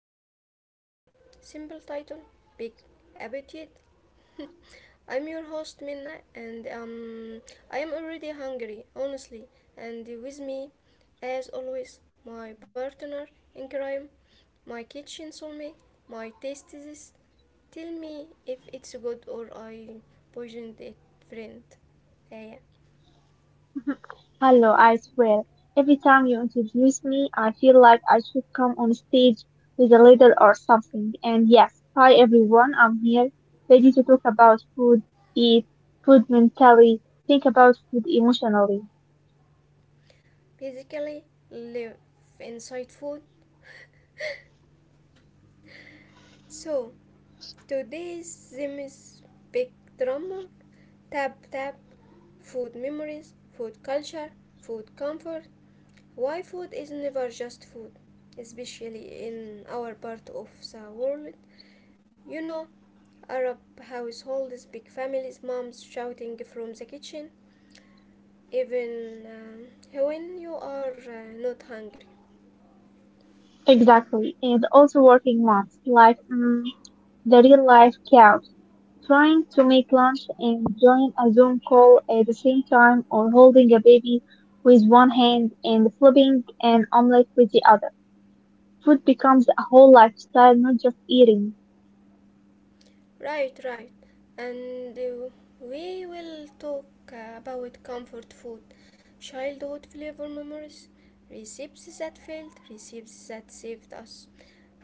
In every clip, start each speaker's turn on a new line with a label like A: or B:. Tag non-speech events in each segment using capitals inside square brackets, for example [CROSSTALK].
A: Food. Yep, simple title, big appetite. [LAUGHS] I'm your host Minna, and I am already hungry, honestly. And with me, as always, my partner in crime, my kitchen soulmate, my tastes. Tell me if it's good or I poisoned it, friend. Yeah, yeah.
B: [LAUGHS] Hello, I swear. Every time you introduce me, I feel like I should come on stage with a leader or something. And yes, hi everyone, I'm here, ready to talk about food, eat, food mentally, think about food emotionally.
A: Basically live inside food. So today's theme is Spectrum, Tap Tap, Food Memories, Food Culture, Food Comfort, Why Food is Never Just Food, especially in our part of the world. You know, Arab households, big families, moms shouting from the kitchen, even when you are not hungry.
B: Exactly. And also working moms, like the real life couch, trying to make lunch and join a Zoom call at the same time, or holding a baby with one hand and flipping an omelette with the other. Food becomes a whole lifestyle, not just eating.
A: Right, right. And we will talk about comfort food, childhood flavor memories, recipes that failed, recipes that saved us,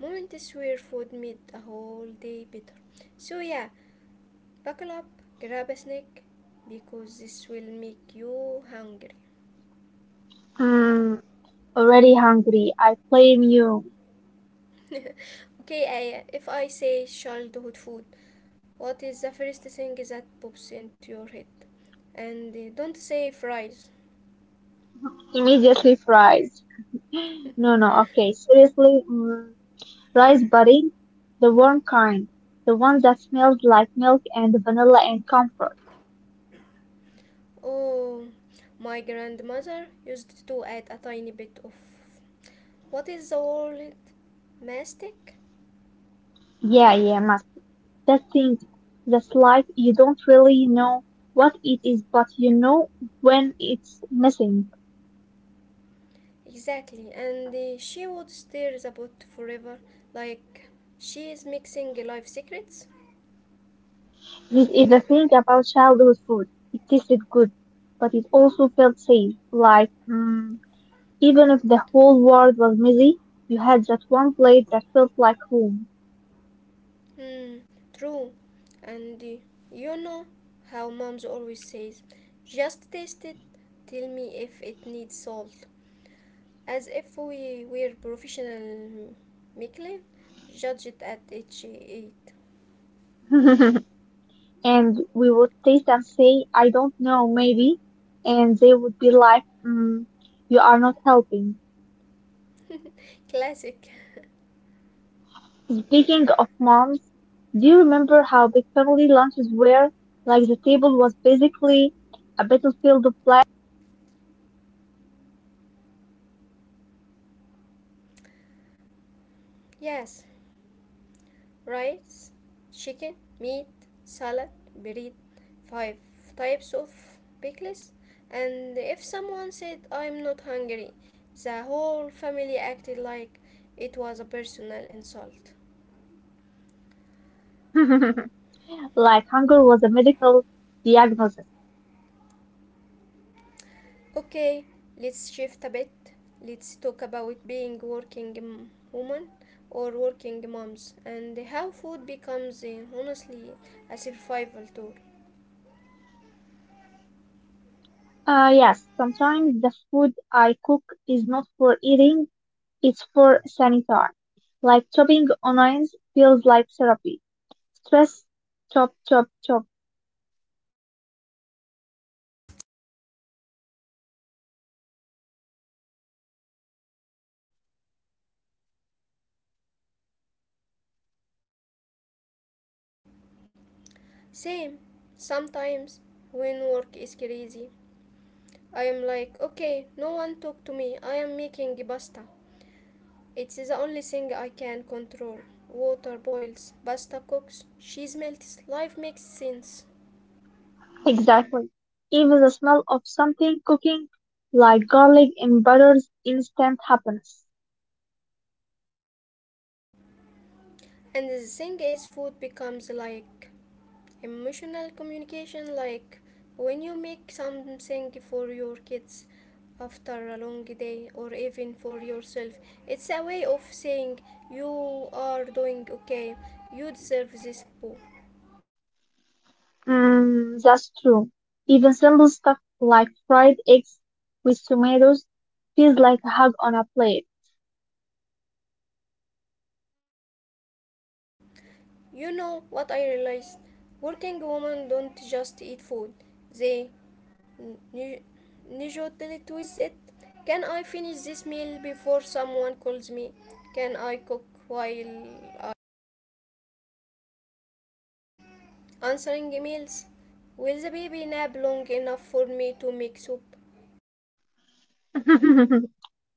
A: moments where food made a whole day better. So, yeah, buckle up, grab a snack, because this will make you hungry.
B: Hmm, already hungry. I blame you.
A: Okay, Aya, if I say childhood food, what is the first thing that pops into your head? And don't say fries.
B: Immediately fries. [LAUGHS] No, no, okay. Seriously, rice pudding, the warm kind, the one that smells like milk and vanilla and comfort.
A: Oh, my grandmother used to add a tiny bit of what is the word? Mastic?
B: Yeah, yeah, must. That thing that's like you don't really know what it is, but you know when it's missing.
A: Exactly, and she would stir the pot forever like she is mixing life secrets.
B: This is the thing about childhood food. It tasted good, but it also felt safe. Like, even if the whole world was messy, you had that one plate that felt like home.
A: Hmm, true. And you know how moms always says, just taste it, tell me if it needs salt. As if we were professional Michelin, judge it at each eight.
B: [LAUGHS] and we would taste and say, I don't know, maybe. And they would be like, you are not helping.
A: Classic.
B: Speaking of moms, do you remember how big family lunches were? Like the table was basically a battlefield of
A: Yes, rice, chicken, meat, salad, bread, five types of pickles. And if someone said, I'm not hungry, the whole family acted like it was a personal insult.
B: plates. [LAUGHS] like hunger was a medical diagnosis.
A: Okay, let's shift a bit. Let's talk about being working woman or working moms and how food becomes honestly a survival tool.
B: Yes, sometimes the food I cook is not for eating, it's for sanitary. Like chopping onions feels like therapy. Stress, chop, chop, chop.
A: Same, sometimes when work is crazy, I am like, okay, no one talk to me. I am making pasta. It's the only thing I can control. Water boils, pasta cooks, cheese melts, life makes sense.
B: Exactly. Even the smell of something cooking, like garlic and butter's instant happiness.
A: And the thing is, food becomes like emotional communication, like when you make something for your kids after a long day or even for yourself. It's a way of saying you are doing okay, you deserve this boo.
B: That's true. Even simple stuff like fried eggs with tomatoes feels like a hug on a plate.
A: You know what I realized? Working women don't just eat food, they nu- negotiate with it. Can I finish this meal before someone calls me? Can I cook while I- answering emails? Will the baby nap long enough for me to make soup?
B: [LAUGHS]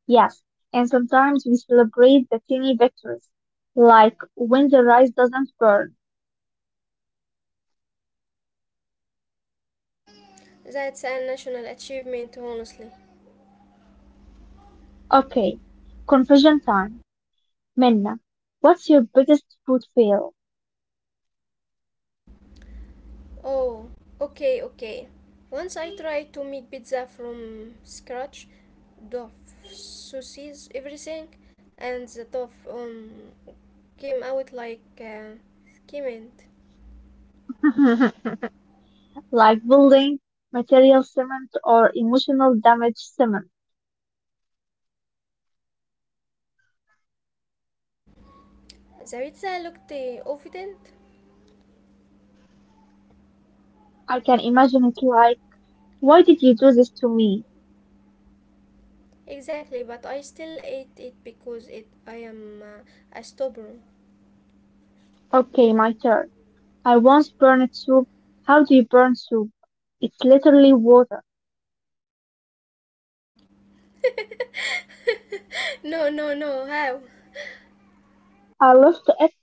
B: Yes, and sometimes we celebrate the tiny victories, like when the rice doesn't burn.
A: That's a national achievement, honestly.
B: Okay, confession time. Minna, what's your biggest food fail?
A: Oh, okay, okay. Once I tried to make pizza from scratch, dough, sauces, everything, and the dough came out like skimmed.
B: [LAUGHS] Like building, material cement, or emotional damage cement.
A: The pizza looked evident.
B: I can imagine it like, why did you do this to me?
A: Exactly, but I still ate it because it I am a stubborn.
B: Okay, my turn. I once burned soup. How do you burn soup? It's literally water.
A: [LAUGHS] No, no, no. How?
B: I love left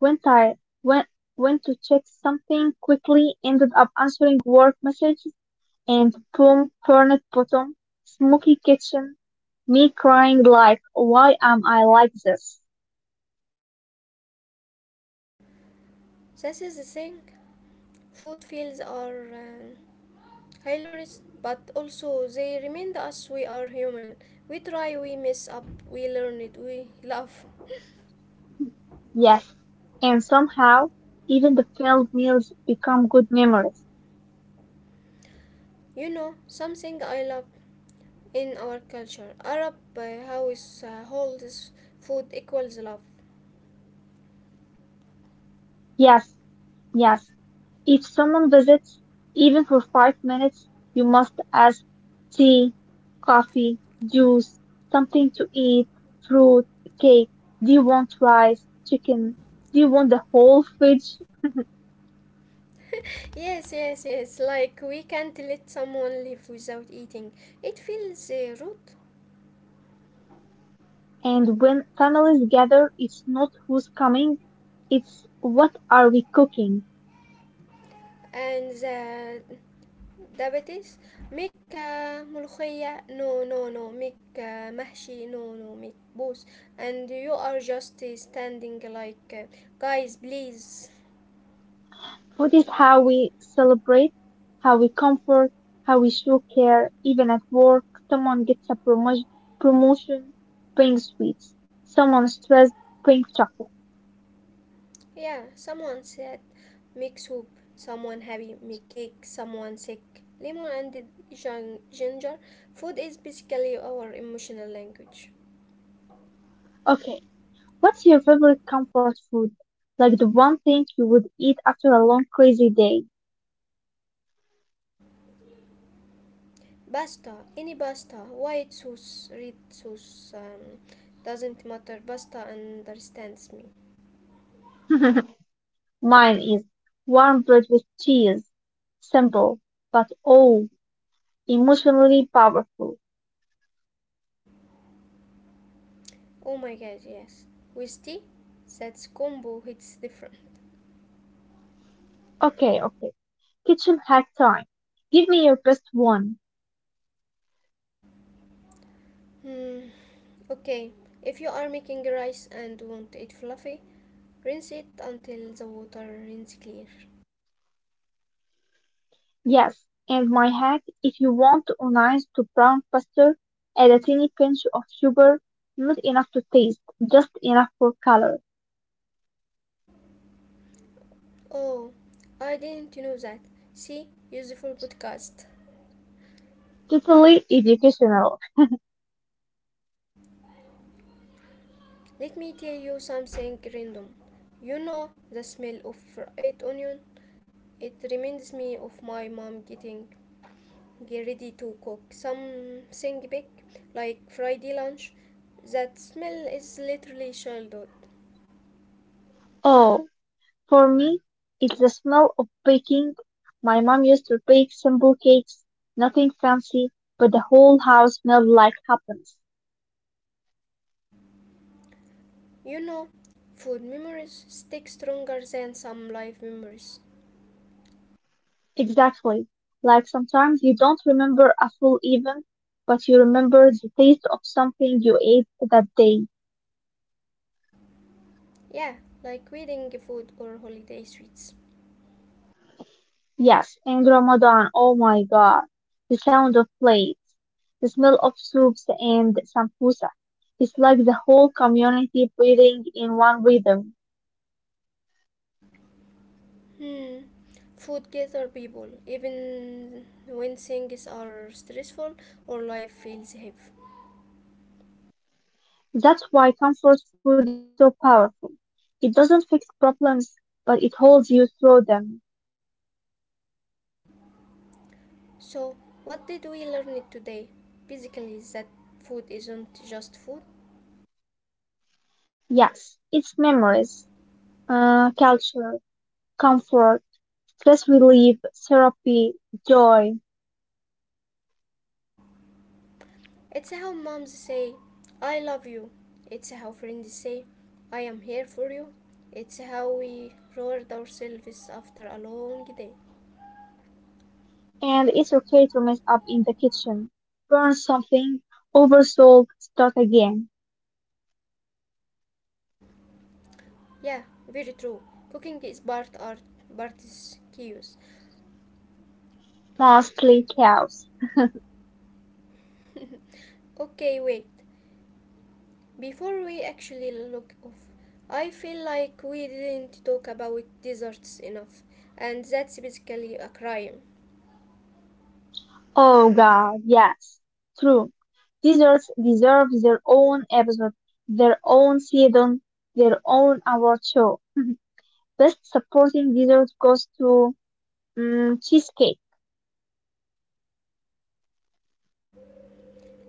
B: Went I went went to check something quickly, ended up answering work messages and boom, burnt bottom, smoky kitchen, me crying like, why am I like this?
A: This is the thing. Food fields are. Hilarious, but also they remind us we are human. We try, we mess up, we learn it, we laugh.
B: Yes. And somehow, even the failed meals become good memories.
A: You know, something I love in our culture. Arab house holds food equals love.
B: Yes, yes. If someone visits, even for 5 minutes, you must ask tea, coffee, juice, something to eat, fruit, cake. Do you want rice, chicken? Do you want the whole fridge?
A: [LAUGHS] Yes, yes, yes. Like we can't let someone live without eating. It feels rude.
B: And when families gather, it's not who's coming, it's what are we cooking?
A: And the diabetes make ملوخية, no, make محشي, no no, make both, and you are just standing like guys please.
B: Food is how we celebrate, how we comfort, how we show care. Even at work, someone gets a promotion, brings sweets. Someone stressed, brings chocolate.
A: Yeah, someone said make soup, someone happy make cake, someone sick lemon and ginger. Food is basically our emotional language.
B: Okay, what's your favorite comfort food? Like the one thing you would eat after a long crazy day?
A: Pasta, any pasta, white sauce, red sauce, um, doesn't matter, pasta understands me.
B: [LAUGHS] Mine is warm bread with cheese. Simple, but oh, emotionally powerful.
A: Oh my god, yes. With tea, that combo hits different.
B: Okay, okay. Kitchen hack time. Give me your best one.
A: Hmm, okay. If you are making rice and want it fluffy, rinse it until the water is clear.
B: Yes, and my hack, if you want onions to brown faster, add a tiny pinch of sugar, not enough to taste, just enough for color.
A: Oh, I didn't know that. See, useful podcast.
B: Totally educational.
A: Let me tell you something random. You know the smell of fried onion? It reminds me of my mom getting get ready to cook something big like Friday lunch. That smell is literally childhood.
B: Oh, for me, it's the smell of baking. My mom used to bake simple cakes, nothing fancy, but the whole house smelled like happiness.
A: You know, food memories stick stronger than some life memories.
B: Exactly. Like sometimes you don't remember a full event, but you remember the taste of something you ate that day.
A: Yeah, like wedding food or holiday sweets.
B: Yes, in Ramadan, oh my God, the sound of plates, the smell of soups and sambusa. It's like the whole community breathing in one rhythm.
A: Hmm. Food gather people, even when things are stressful or life feels heavy.
B: That's why comfort food is so powerful. It doesn't fix problems, but it holds you through them.
A: So, what did we learn today? Basically, that food isn't just food.
B: Yes, it's memories, culture, comfort, stress relief, therapy, joy,
A: It's how moms say, I love you. It's how friends say, I am here for you. It's how we reward ourselves after a long day.
B: and it's okay to mess up in the kitchen, burn something, oversold, start again.
A: Yeah, very true. Cooking is part art, part is chaos.
B: Mostly cows.
A: [LAUGHS] Okay, wait. Before we actually look off, I feel like we didn't talk about desserts enough, and that's basically a crime.
B: Oh god, yes. True. Deserts deserve their own episode, their own season, their own award show. Best supporting dessert goes to cheesecake,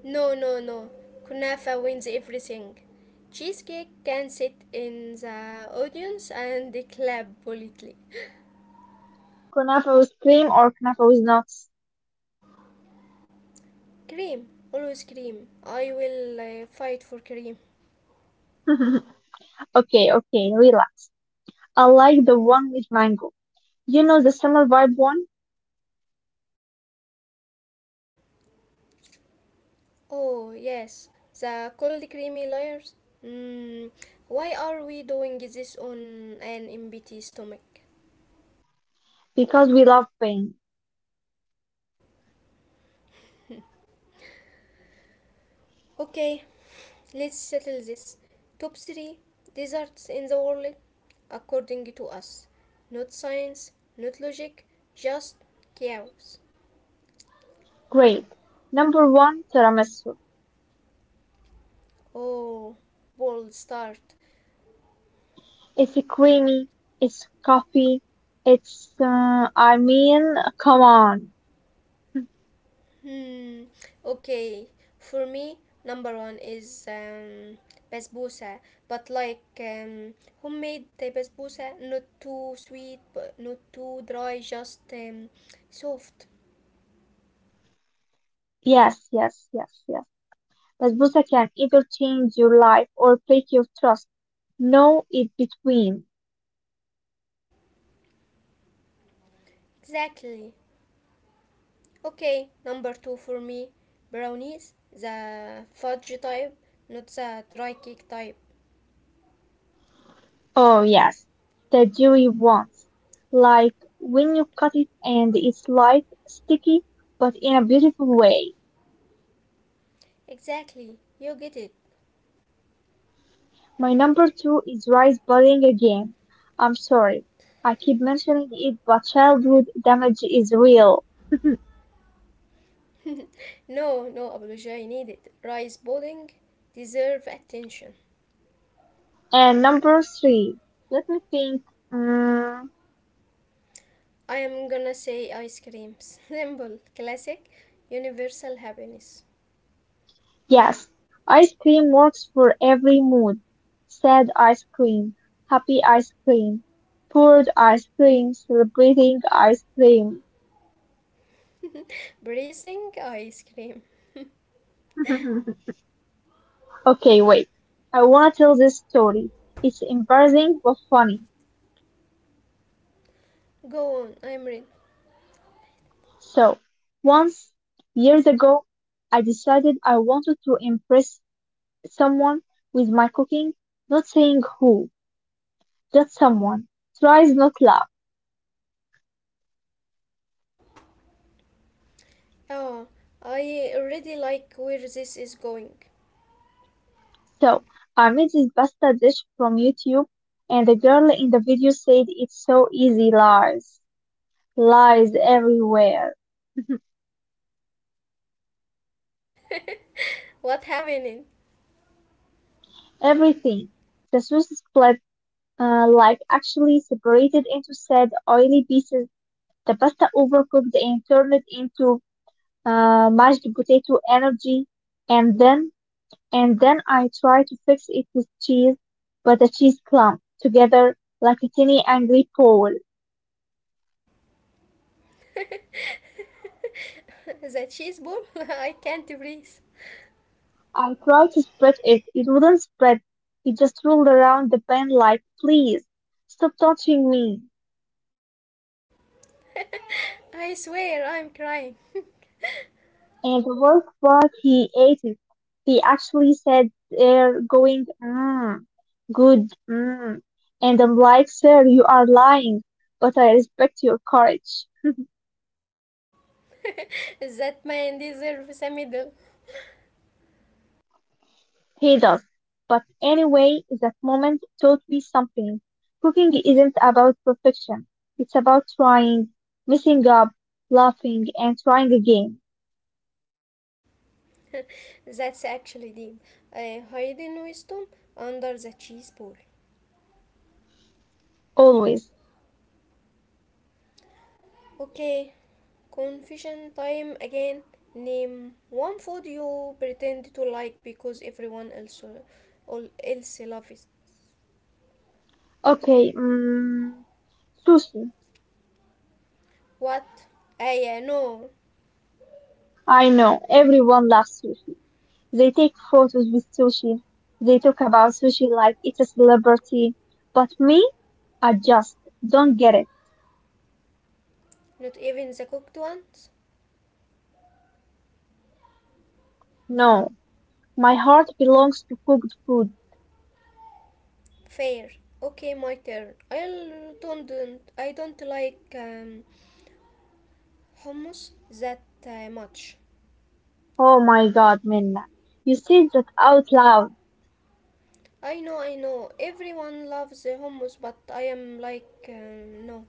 A: No, no, no. Kunafa wins everything. Cheesecake can sit in the audience and clap politely.
B: kunafa with cream or kunafa with nuts.
A: Cream, always cream. I will fight for cream.
B: [LAUGHS] okay, okay, relax. I like the one with mango. You know the summer vibe one?
A: Oh, yes, the cold creamy layers. Mm, why are we doing this on an empty stomach?
B: Because we love pain.
A: Okay, let's settle this. Top 3 deserts in the world according to us. Not science, not logic, just chaos.
B: Great. Number one, tiramisu.
A: Oh, bold start.
B: It's creamy. It's coffee. It's I mean, come on.
A: Hmm, okay. For me, number one is basbousa, but like homemade basbousa, not too sweet, but not too dry, just soft.
B: Yes, yes, yes, yes. Basbousa can either change your life or break your trust. No in between.
A: Exactly. Okay, number two for me. Brownies, the fudge type, not the dry cake type.
B: Oh yes, the jury wants. Like when you cut it and it's light, sticky, but in a beautiful way.
A: Exactly, you get it.
B: My number two is rice pudding again. I'm sorry. I keep mentioning it, but childhood damage is real. [LAUGHS]
A: No, no apology needed. Rice pudding deserve attention.
B: And number three, let me think. Mm,
A: I am gonna say ice creams. [LAUGHS] Simple, classic, universal happiness.
B: yes, ice cream works for every mood. Sad ice cream, happy ice cream, poured ice cream, celebrating ice cream.
A: Bracing ice cream.
B: [LAUGHS] Okay, wait. I want to tell this story. It's embarrassing but funny.
A: Go on, I'm ready.
B: So, once, years ago, I decided I wanted to impress someone with my cooking, not saying who, just someone. Tries not loud.
A: Oh, I already like where this is going.
B: So, I made this pasta dish from YouTube, and the girl in the video said it's so easy. Lies. Lies everywhere. [LAUGHS]
A: What happening?
B: Everything. The sauce is split, like actually separated into sad, oily pieces. The pasta overcooked and turned into mashed potato energy. And then, and then I tried to fix it with cheese, but the cheese clumped together like a tiny angry ball.
A: [LAUGHS] The cheese ball? [LAUGHS] I can't breathe.
B: I tried to spread it. It wouldn't spread. It just rolled around the pen like, please, stop touching me.
A: I swear I'm crying.
B: And the worst part, he ate it. He actually said there going, mmm, good, mmm. And I'm like, sir, you are lying, but I respect your courage.
A: [LAUGHS] That man deserves a medal.
B: He does. But anyway, that moment taught me something. Cooking isn't about perfection. It's about trying, messing up, laughing, and trying again.
A: That's actually deep. I hide in wisdom under the cheese bowl.
B: Always.
A: Okay, confession time again. Name one food you pretend to like because everyone else all else loves it.
B: Okay, sushi.
A: What? I no,
B: I know, everyone loves sushi. They take photos with sushi. They talk about sushi like it's a celebrity. But me, I just don't get it.
A: not even the cooked ones.
B: No, my heart belongs to cooked food.
A: Fair. Okay, my turn. Don't I don't like hummus that much.
B: Oh my God, Minna. You said that out loud.
A: I know, I know. Everyone loves the hummus, but I am like, no.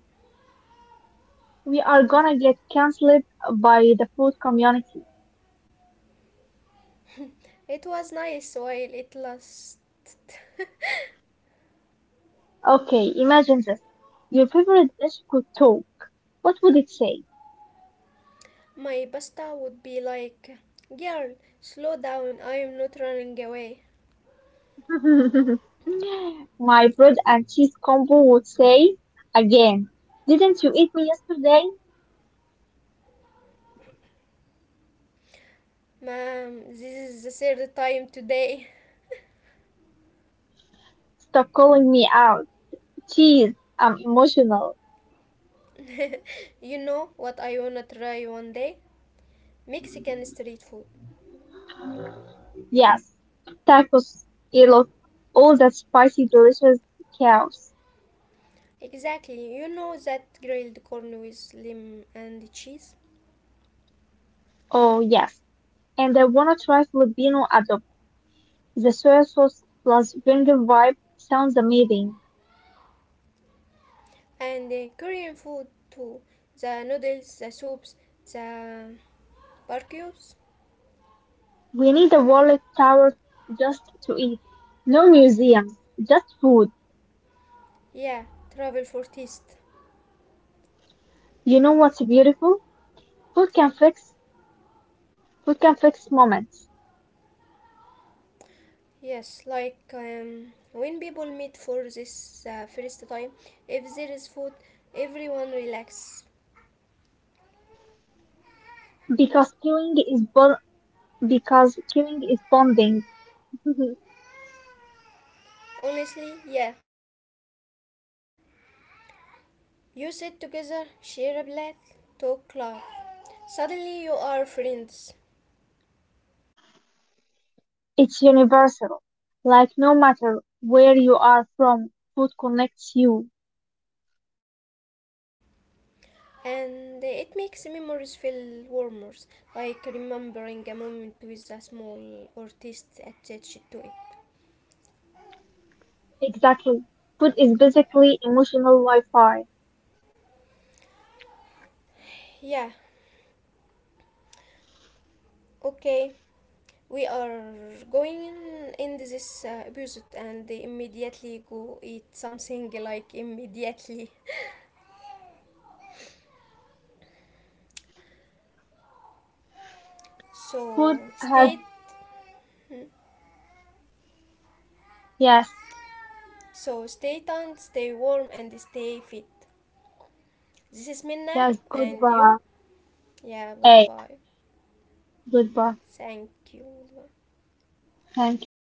B: We are gonna get cancelled by the food community.
A: It was nice while it lasts.
B: Okay, imagine this. Your favorite dish could talk. What would it say?
A: My pasta would be like, girl, slow down. I am not running away.
B: [LAUGHS] My bread and cheese combo would say, again, didn't you eat me yesterday?
A: Ma'am, this is the third time today.
B: Stop calling me out. Cheese, I'm emotional.
A: [LAUGHS] You know what I wanna try one day? Mexican street food.
B: Yes, tacos, elot, all that spicy, delicious chaos.
A: Exactly. You know that grilled corn with lime and cheese,
B: Oh, yes. And I wanna try Filipino adobo. The soy sauce plus vinegar vibe sounds amazing.
A: and Korean food too. The noodles, the soups, the Barcues?
B: We need a wallet tower just to eat. No museums, just food.
A: Yeah, travel for taste.
B: You know what's beautiful? Food
A: Yeah.
B: can fix food can fix moments
A: Yes, like when people meet for this first time, if there is food, everyone relax.
B: because queuing is bonding. [LAUGHS]
A: Honestly, yeah. You sit together, share a plate, talk, laugh. Suddenly you are friends.
B: It's universal. Like no matter where you are from, food connects you.
A: And it makes memories feel warmer, like remembering a moment with a small artist attached to it.
B: Exactly. Food is basically emotional Wi-Fi.
A: Yeah, okay. We are going in this episode and immediately go eat something like immediately. [LAUGHS]
B: Food
A: So
B: has
A: stay hmm,
B: yes,
A: stay tuned, stay warm and stay fit. This is Minna
B: yes.
A: and you.
B: Goodbye.
A: Yeah,
B: Hey,
A: goodbye.
B: goodbye.
A: Thank you.
B: Thank you.